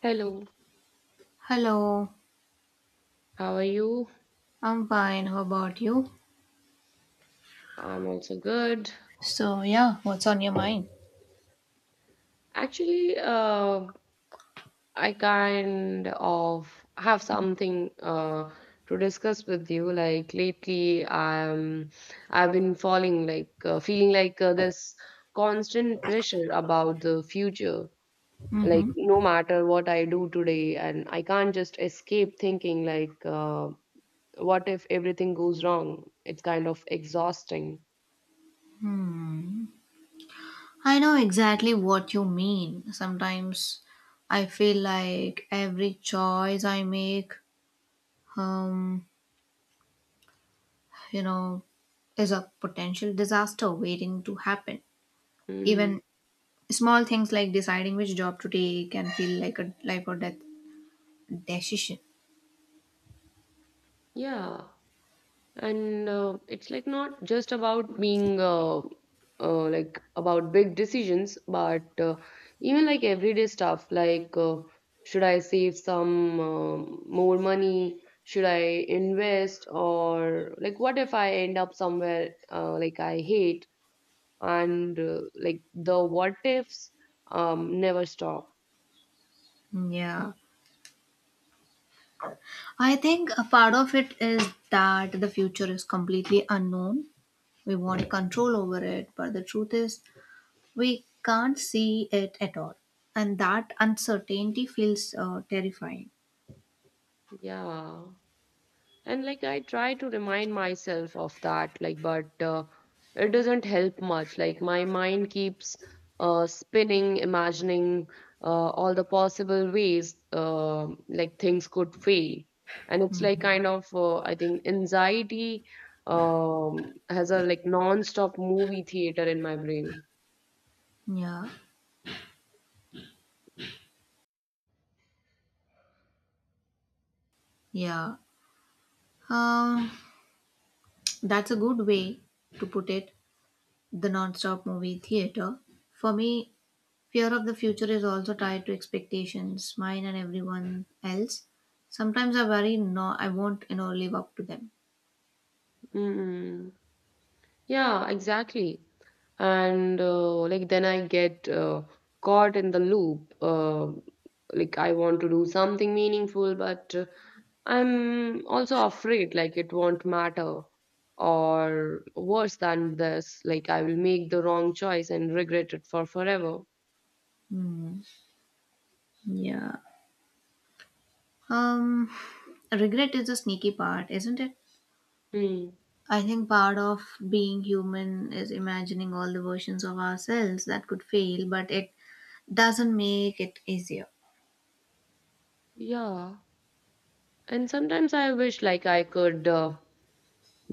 Hello, Hello, how are you? I'm fine. How about you? I'm also good. So, yeah, what's on your mind? Actually, I kind of have something to discuss with you. Like lately, I've been falling like feeling like this constant pressure about the future. Like no matter what I do today, and I can't just escape thinking like, what if everything goes wrong? It's kind of exhausting. Hmm. I know exactly what you mean. Sometimes I feel like every choice I make, um, you know, is a potential disaster waiting to happen. Even Mm, small things like deciding which job to take can feel like a life or death decision. yeah. And it's like not just about being like about big decisions but even like everyday stuff like should I save some more money, should I invest, or like what if I end up somewhere like I hate? And like the what ifs never stop. Yeah. I think a part of it is that the future is completely unknown. We want control over it, but the truth is we can't see it at all, and that uncertainty feels terrifying. Yeah, and like I try to remind myself of that, like, but it doesn't help much. Like my mind keeps spinning, imagining all the possible ways like things could fail. And it's like kind of I think anxiety has a like non-stop movie theater in my brain. Yeah yeah um, that's a good way to put it, the non-stop movie theater. For me, fear of the future is also tied to expectations, mine and everyone else. Sometimes I worry no, I won't live up to them. mm yeah, exactly. And like then I get caught in the loop, like I want to do something meaningful, but I'm also afraid like it won't matter, or worse than this, like I will make the wrong choice and regret it for forever. Hmm. yeah um Regret is a sneaky part, isn't it? Hmm. I think part of being human is imagining all the versions of ourselves that could fail, but it doesn't make it easier. Yeah. And sometimes I wish like I could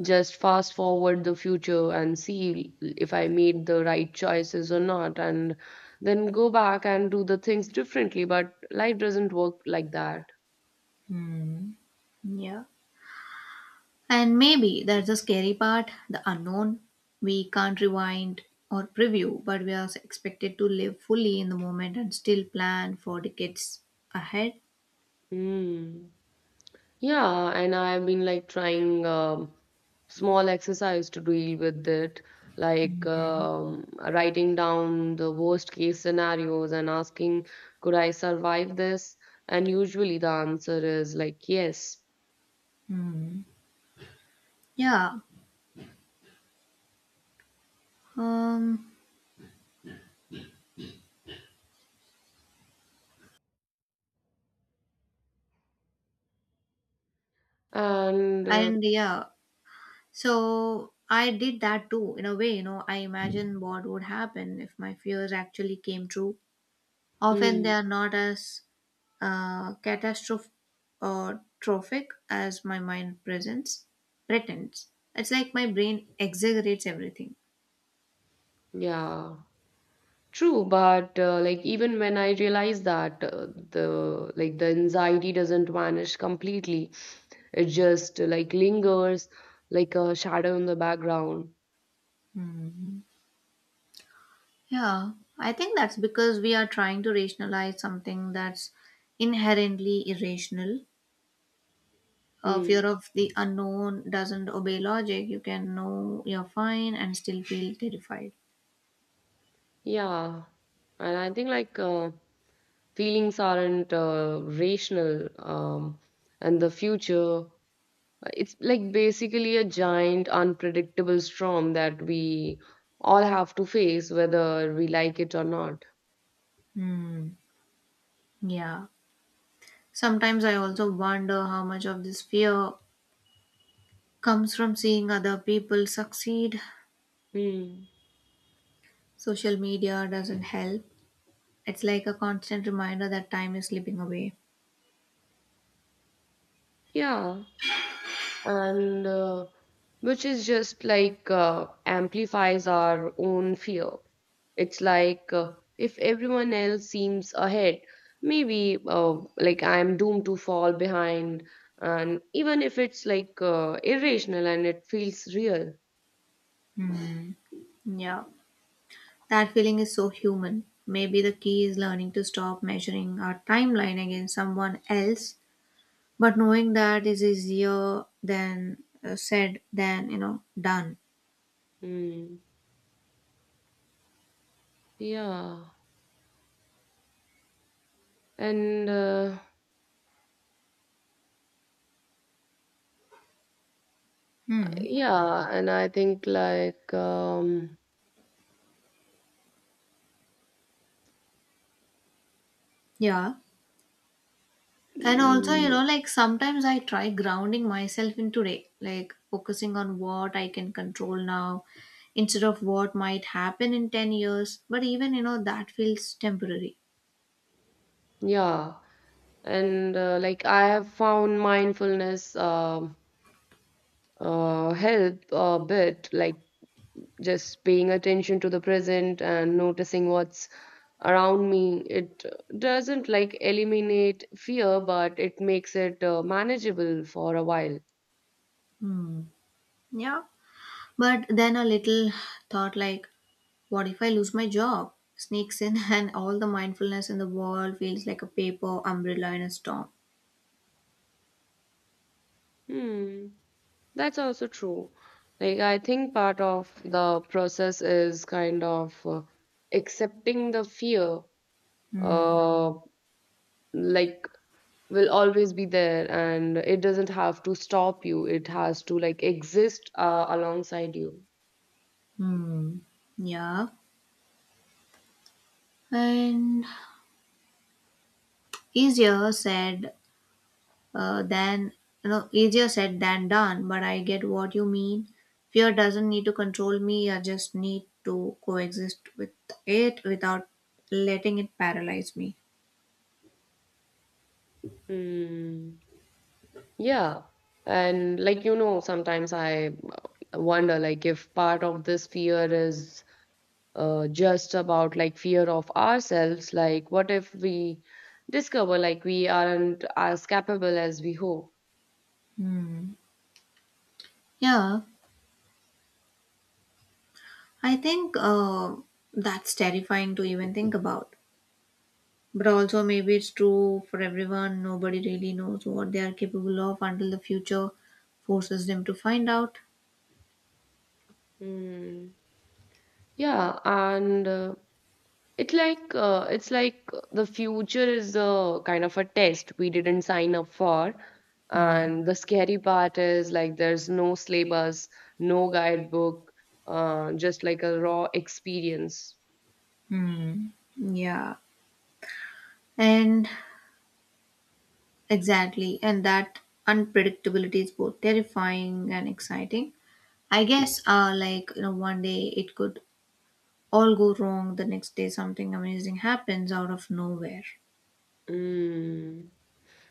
just fast forward the future and see if I made the right choices or not, and then go back and do the things differently. But life doesn't work like that. Hmm. Yeah. And maybe that's the scary part, the unknown. We can't rewind or preview, but we are expected to live fully in the moment and still plan for decades ahead. Hmm. Yeah, and I've been like trying small exercise to deal with it, like writing down the worst case scenarios and asking, could I survive this? And usually the answer is like yes. Hmm. Yeah. Um And and Yeah, so I did that too, in a way, you know, I imagine what would happen if my fears actually came true. Often they hmm, are not as catastrophic uh, trophic as my mind pretends. It's like my brain exaggerates everything. yeah, true. But like even when I realize that the like the anxiety doesn't vanish completely, it just like lingers like a shadow in the background. Hmm. Yeah, I think that's because we are trying to rationalize something that's inherently irrational. Hmm. Fear of the unknown doesn't obey logic. You can know you're fine and still feel terrified. Yeah, and I think like feelings aren't rational, and the future, it's like basically a giant unpredictable storm that we all have to face whether we like it or not. Hmm. Yeah. Sometimes I also wonder how much of this fear comes from seeing other people succeed. Hmm. Social media doesn't help. It's like a constant reminder that time is slipping away. Yeah, and which is just like amplifies our own fear. It's like if everyone else seems ahead, maybe like I'm doomed to fall behind. And even if it's like irrational, and it feels real. Hmm. Yeah. That feeling is so human. Maybe the key is learning to stop measuring our timeline against someone else, but knowing that is easier than said than done. Hmm. Yeah. And uh, Hmm. yeah, and I think like Yeah. And also, you mm, know, like sometimes I try grounding myself in today, like focusing on what I can control now instead of what might happen in 10 years. But even, you know, that feels temporary. yeah, and like I have found mindfulness help a bit, like just paying attention to the present and noticing what's around me. It doesn't like eliminate fear, but it makes it manageable for a while. Hmm. Yeah. But then a little thought like, what if I lose my job? Sneaks in, and all the mindfulness in the world feels like a paper umbrella in a storm. Hmm, that's also true. Like, I think part of the process is kind of accepting the fear, Hmm. uh, like, will always be there and it doesn't have to stop you. It has to, like, exist alongside you. Hmm. Yeah. And easier said uh, than easier said than done. But I get what you mean. Fear doesn't need to control me. I just need to coexist with it without letting it paralyze me. Hmm. Yeah. And like you know, sometimes I wonder like if part of this fear is just about like fear of ourselves, like what if we discover like we aren't as capable as we hope? Hmm. Yeah. I think that's terrifying to even think about. But also, maybe it's true for everyone. Nobody really knows what they are capable of until the future forces them to find out. Hmm. Yeah, and it's like it's like the future is a kind of a test we didn't sign up for, and the scary part is like there's no syllabus, no guidebook, just like a raw experience. Hmm. Yeah. And exactly. And that unpredictability is both terrifying and exciting. I guess, you know, one day it could all go wrong. The next day something amazing happens out of nowhere. Mm.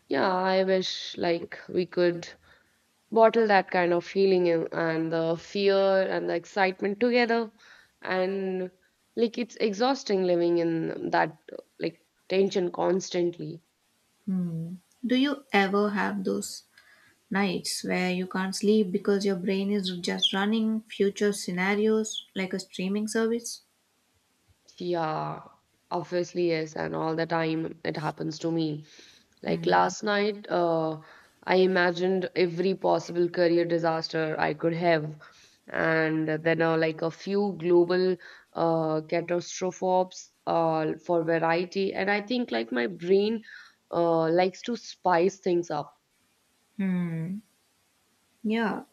Yeah, I wish like we could bottle that kind of feeling in, and the fear and the excitement together, and like it's exhausting living in that like tension constantly. Hmm. Do you ever have those nights where you can't sleep because your brain is just running future scenarios like a streaming service? Yeah, obviously, yes, and all the time it happens to me. Like Hmm. last night, I imagined every possible career disaster I could have, and then like a few global catastrophes for variety. And I think like my brain likes to spice things up. Hmm. Yeah.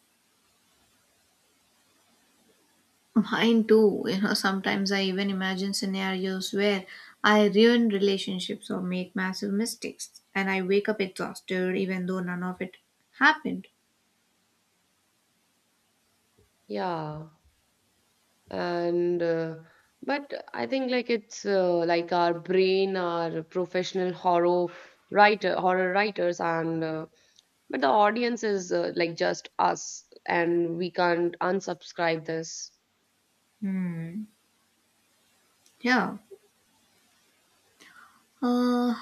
Mine too. You know, sometimes I even imagine scenarios where I ruin relationships or make massive mistakes, and I wake up exhausted even though none of it happened. Yeah. And but I think like it's like our brain, our professional horror writers and but the audience is like just us, and we can't unsubscribe this. Hmm. Yeah. Uh,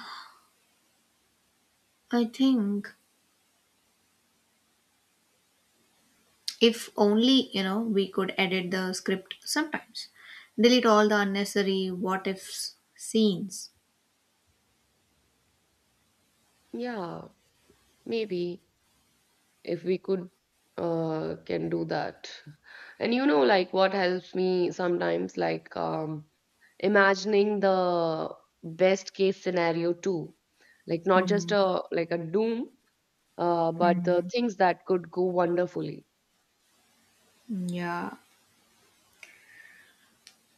I think if only, you know, we could edit the script sometimes. Delete all the unnecessary what ifs scenes. Yeah, maybe if we could can do that. And you know, like what helps me sometimes like imagining the best case scenario too, like not Hmm. just a like a doom, but the Hmm. things that could go wonderfully. Yeah.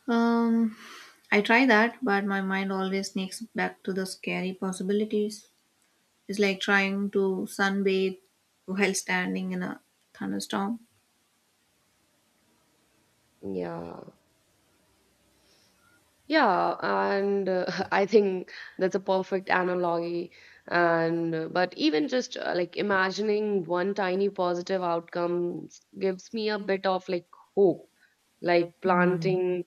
Um, I try that, but my mind always sneaks back to the scary possibilities. It's like trying to sunbathe while standing in a thunderstorm. Yeah. Yeah, and I think that's a perfect analogy. And but even just like imagining one tiny positive gives me a bit of like hope, like planting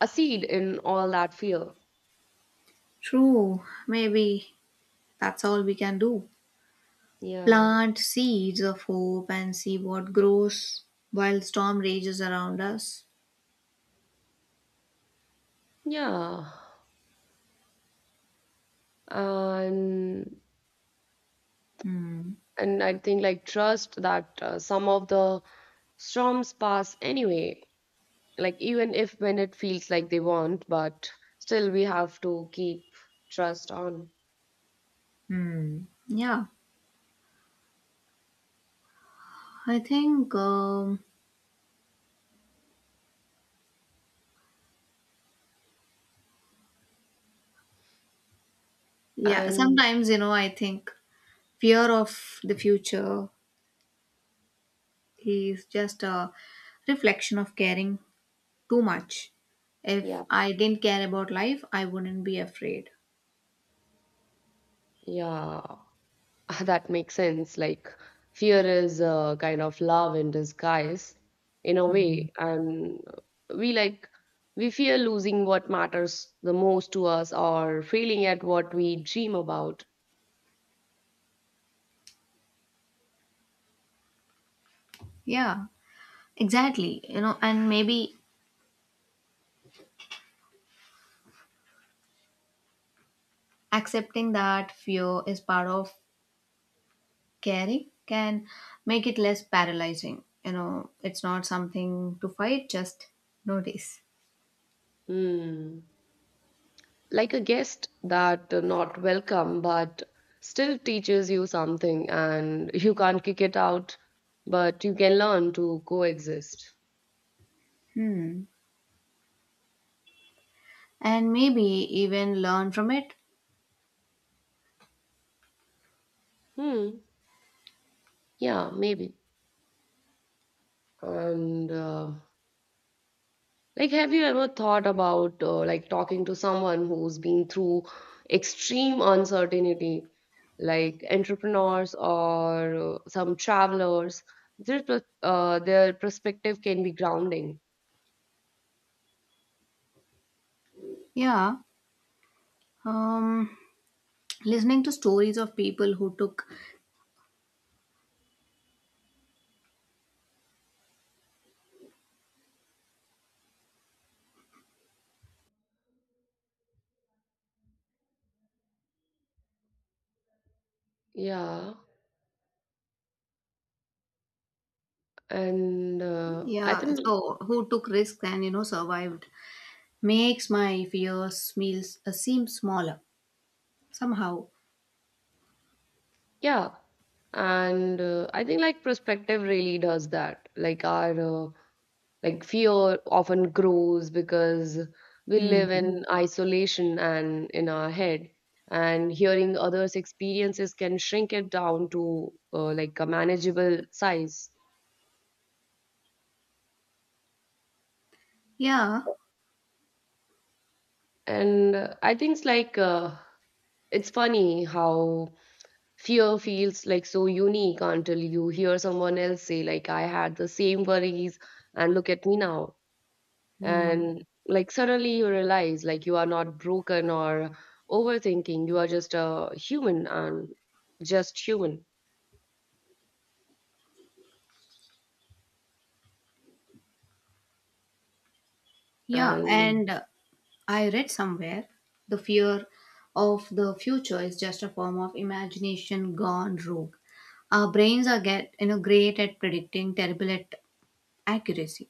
a seed in all that fear. True, maybe that's all we can do. Yeah. Plant seeds of hope and see what grows while storm rages around us. Yeah. And Hmm. and I think like trust that some of the storms pass anyway, like even if when it feels like they won't, but still we have to keep trust on. Hmm. Yeah, I think. Yeah, And sometimes, you know, I think fear of the future is just a reflection of caring too much. If yeah I didn't care about life, I wouldn't be afraid. yeah, that makes sense. Like fear is a kind of love in disguise, in a way, and we like we fear losing what matters the most to us or failing at what we dream about. Yeah, exactly. You know, and maybe accepting that fear is part of caring can make it less paralyzing. You know, it's not something to fight, just notice. Hmm. Like a guest that not welcome but still teaches you something, and you can't kick it out but you can learn to coexist. Hmm. And maybe even learn from it. hmm yeah, maybe. And like, have you ever thought about like talking to someone who's been through extreme uncertainty, like entrepreneurs or some travelers? Their their perspective can be grounding. Yeah. Um, listening to stories of people who took, Yeah. And uh, I yeah, think, so who took risks and, you know, survived makes my fears meals seem smaller somehow. yeah. And I think like perspective really does that. Like our like fear often grows because we Hmm. live in isolation and in our head. And hearing others' experiences can shrink it down to like a manageable size. Yeah. And I think it's like it's funny how fear feels like so unique until you hear someone else say like I had the same worries and look at me now. Hmm. And like suddenly you realize like you are not broken or overthinking, you are just a human and just human. Yeah, And and I read somewhere the fear of the future is just a form of imagination gone rogue. Our brains are get, you know, great at predicting, terrible at accuracy.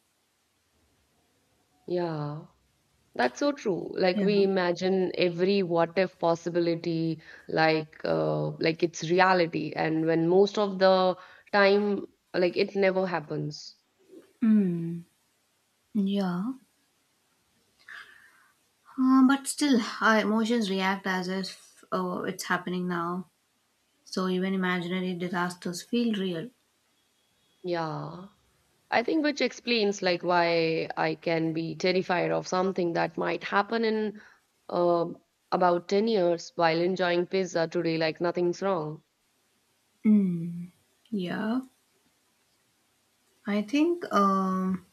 yeah, that's so true. Like Yeah, we imagine every what if possibility like it's reality, and when most of the time like it never happens. yeah. But still, our emotions react as if, oh, it's happening now. So even imaginary disasters feel real. Yeah, I think which explains like why I can be terrified of something that might happen in um about 10 years while enjoying pizza today like nothing's wrong. Mm, yeah, I think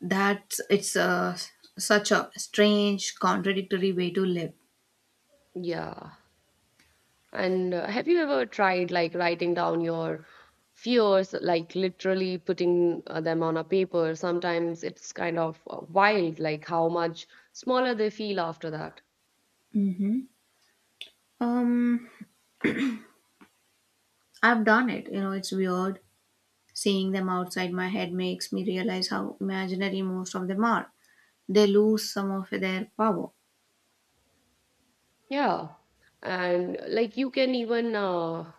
that it's a, such a strange, contradictory way to live. Yeah. And have you ever tried like writing down your fears, like literally putting them on a paper? Sometimes it's kind of wild, like how much smaller they feel after that. Mhm. Um, I've done it. You know, it's weird. Seeing them outside my head makes me realize how imaginary most of them are. They lose some of their power. Yeah. And like you can even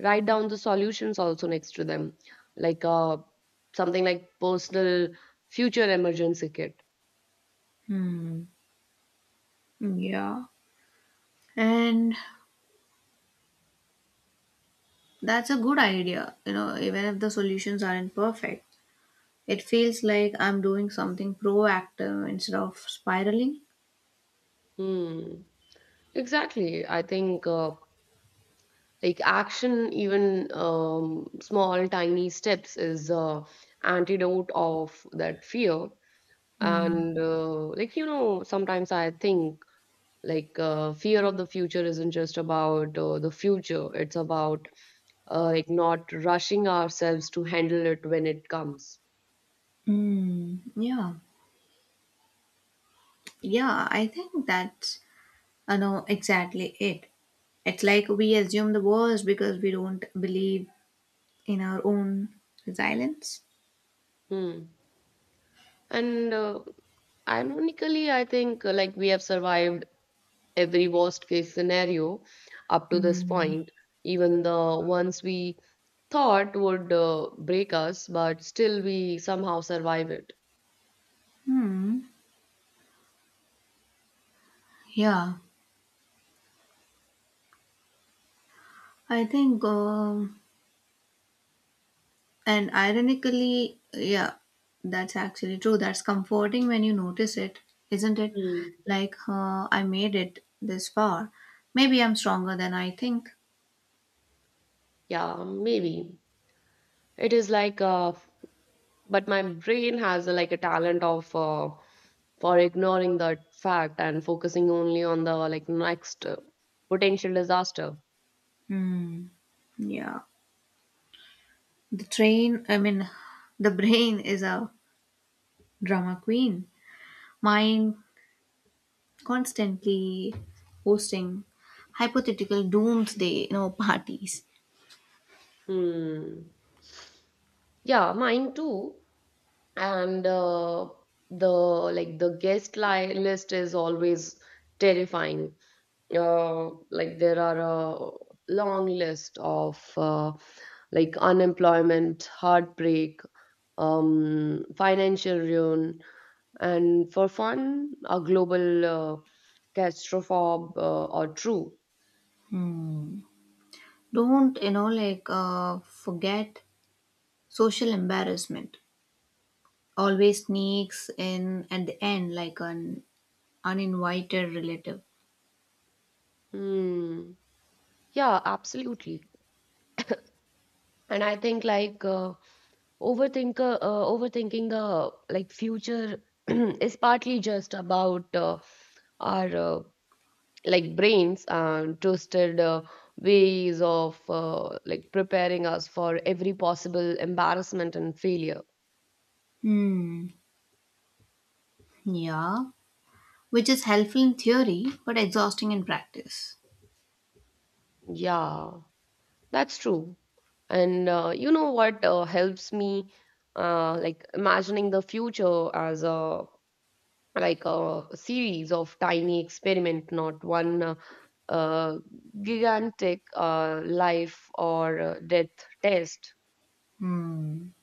write down the solutions also next to them, like something like personal future emergency kit. Hmm. Yeah. And that's a good idea. You know, even if the solutions aren't perfect, it feels like I'm doing something proactive instead of spiraling. Hmm, exactly. I think like action, even small tiny steps, is antidote of that fear. Hmm. And like you know, sometimes I think like fear of the future isn't just about the future, it's about like not rushing ourselves to handle it when it comes. Hmm. Yeah. Yeah. I think that's, I know, exactly it. It's like we assume the worst because we don't believe in our own resilience. Hmm. And ironically, I think like we have survived every worst case scenario up to this Mm. point, even the ones we thought would break us, but still we somehow survive it. Hmm. Yeah, I think, and ironically, yeah, that's actually true. That's comforting when you notice it, isn't it? Hmm. Like, I made it this far. Maybe I'm stronger than I think. Yeah, maybe. It is like but my brain has like a talent of for ignoring that fact and focusing only on the like next potential disaster. Hmm. Yeah. The train, I mean, the brain is a drama queen. Mind constantly hosting hypothetical doomsday, you know, parties. Hmm. Yeah, mine too. And the like the list is always terrifying, like there are a long list of like unemployment, heartbreak, financial ruin, and for fun a global catastrophe, or true. Hmm. Don't, you know, like forget social embarrassment always sneaks in at the end like an uninvited relative. Hmm. Yeah, absolutely. And I think like overthinking the like future is partly just about our like brains and twisted ways of like preparing us for every possible embarrassment and failure. Hmm. Yeah. Which is helpful in theory but exhausting in practice. Yeah, that's true. And you know what helps me like imagining the future as a like a series of tiny experiment, not one uh, gigantic life or death test. Hmm.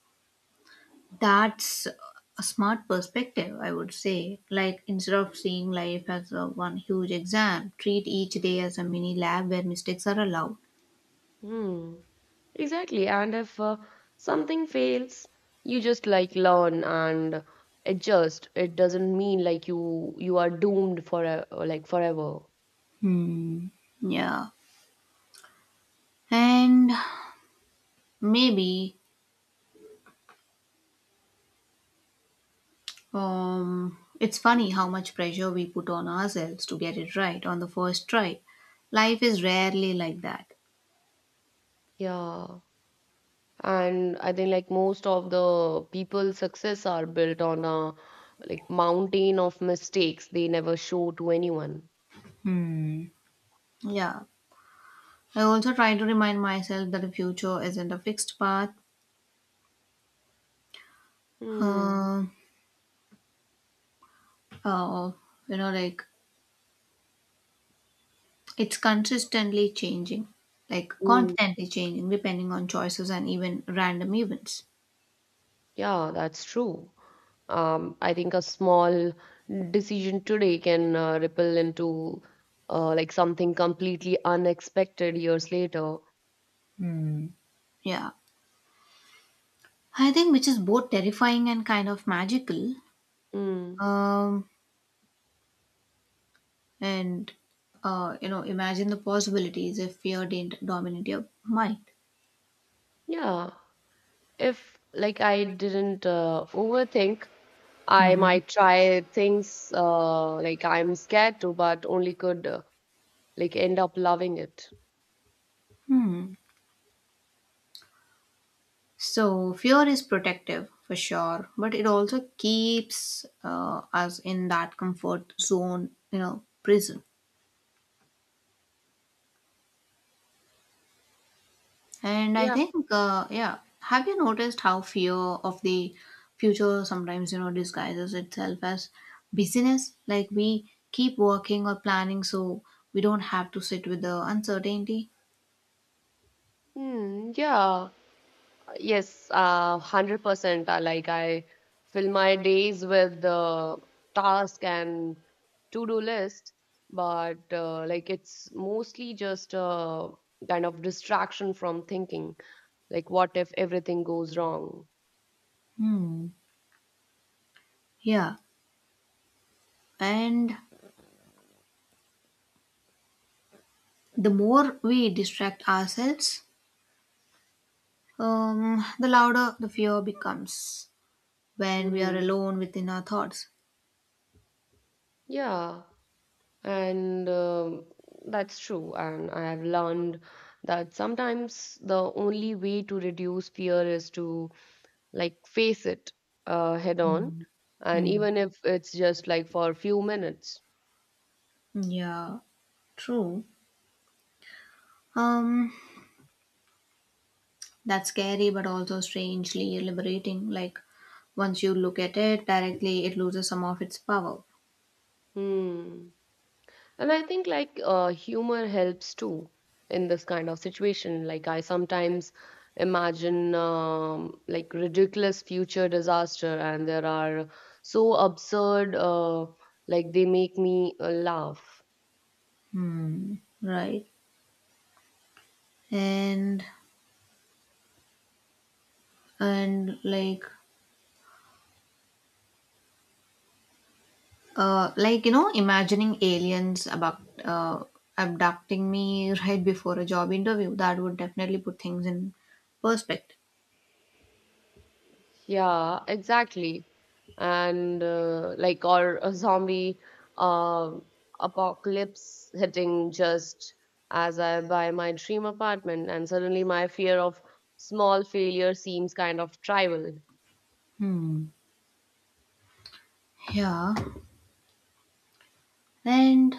That's a smart perspective, I would say. Like instead of seeing life as a one huge exam, treat each day as a mini lab where mistakes are allowed. Hmm. Exactly. And if something fails, you just like learn and adjust. It doesn't mean like you are doomed for like forever. Hmm. Yeah. And Maybe it's funny how much pressure we put on ourselves to get it right on the first try. Life is rarely like that. Yeah. And I think like most of the people's success are built on a like mountain of mistakes they never show to anyone. Yeah. I also try to remind myself that the future isn't a fixed path. Hmm. Uh, uh, you know, like it's consistently changing, like constantly changing depending on choices and even random events. Yeah, that's true. I think a small decision today can ripple into like something completely unexpected years later. Yeah. I think which is both terrifying and kind of magical. Mm, Um, and You know, imagine the possibilities if fear didn't dominate your mind. yeah. If like I didn't overthink, I Mm-hmm. might try things like I'm scared to, but only could like end up loving it. Hmm. So fear is protective for sure, but it also keeps us in that comfort zone, you know, prison. And I Yeah. think, have you noticed how fear of the future sometimes, you know, disguises itself as busyness, like we keep working or planning so we don't have to sit with the uncertainty? Mm, yeah. Yes, 100%. Like I fill my days with the task and to-do list, but like it's mostly just a kind of distraction from thinking. Like, what if everything goes wrong? Hmm. Yeah. And the more we distract ourselves, the louder the fear becomes when we are Mm, alone within our thoughts. yeah, and that's true. And I have learned that sometimes the only way to reduce fear is to like face it head on, Mm, and mm. even if it's just like for a few minutes. Yeah, true. um that's scary but also strangely liberating. Like once you look at it directly, it loses some of its power. Hmm. And I think like humor helps too in this kind of situation. Like I sometimes imagine like ridiculous future disaster, and there are so absurd, like they make me laugh. Hmm, right. And and like Uh, like you know, imagining aliens about abducting me right before a job interview. That would definitely put things in perspective. Yeah, exactly. And like or a zombie uh, apocalypse hitting just as I buy my dream apartment, and suddenly my fear of small failure seems kind of trivial. Hmm. Yeah, and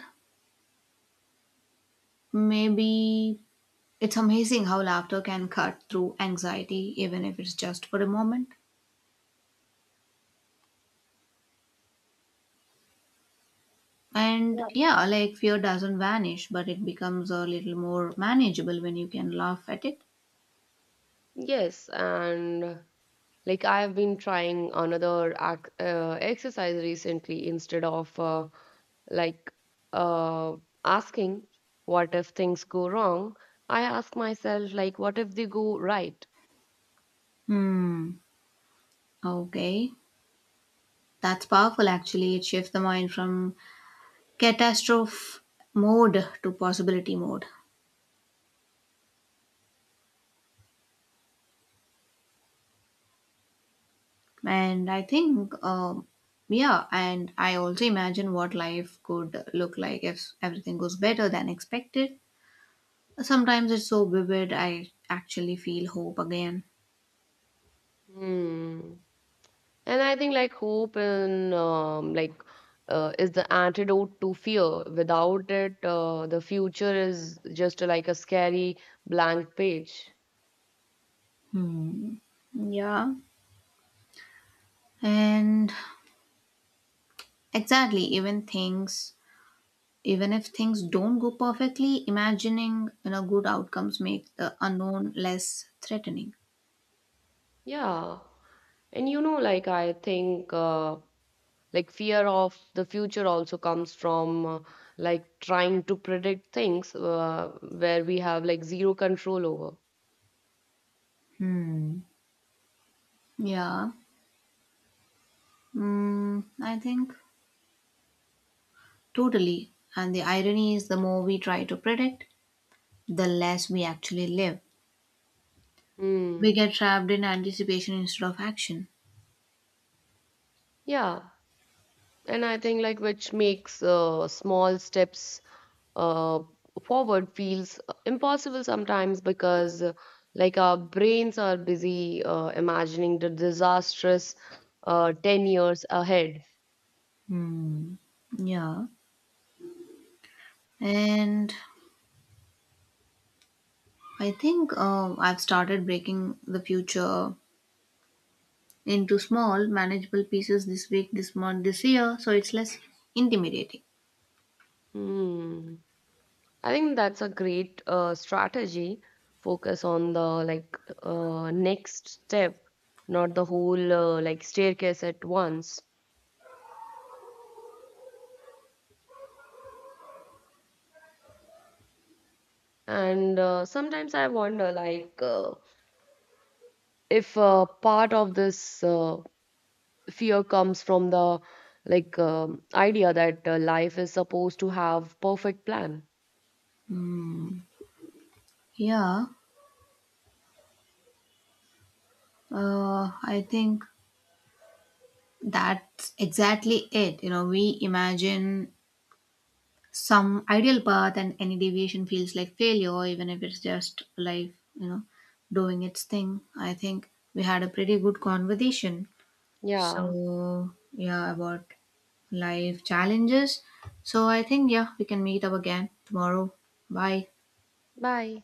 maybe it's amazing how laughter can cut through anxiety, even if it's just for a moment. And Yeah. yeah, like fear doesn't vanish, but it becomes a little more manageable when you can laugh at it. Yes, and like I've been trying another ac exercise recently, instead of like uh, asking what if things go wrong, I ask myself like what if they go right? Hmm. Okay, that's powerful actually. It shifts the mind from catastrophe mode to possibility mode. And I think Yeah, and I also imagine what life could look like if everything goes better than expected. Sometimes it's so vivid, I actually feel hope again. Hmm. And I think like hope and is the antidote to fear. Without it, the future is just like a scary blank page. Hmm. Yeah. And exactly even things even if things don't go perfectly, imagining, you know, good outcomes make the unknown less threatening. Yeah. And you know, like I think like fear of the future also comes from like trying to predict things where we have like zero control over. Hmm. Yeah. Mm, I think totally. And the irony is, the more we try to predict, the less we actually live. We Hmm. get trapped in anticipation instead of action. Yeah. And I think like which makes small steps uh, forward feels impossible sometimes, because like our brains are busy imagining the disastrous 10 years ahead. Hmm. Yeah. And I think I've started breaking the future into small, manageable pieces, this week, this month, this year, so it's less intimidating. Hmm. I think that's a great strategy. Focus on the like next step, not the whole like staircase at once. And sometimes I wonder like if part of this fear comes from the like idea that life is supposed to have perfect plan. Hmm. Yeah, I think that's exactly it. You know, we imagine some ideal path and any deviation feels like failure, even if it's just life, you know, doing its thing. I think we had a pretty good conversation, Yeah, so yeah, about life challenges. So I think, yeah, we can meet up again tomorrow. Bye. bye.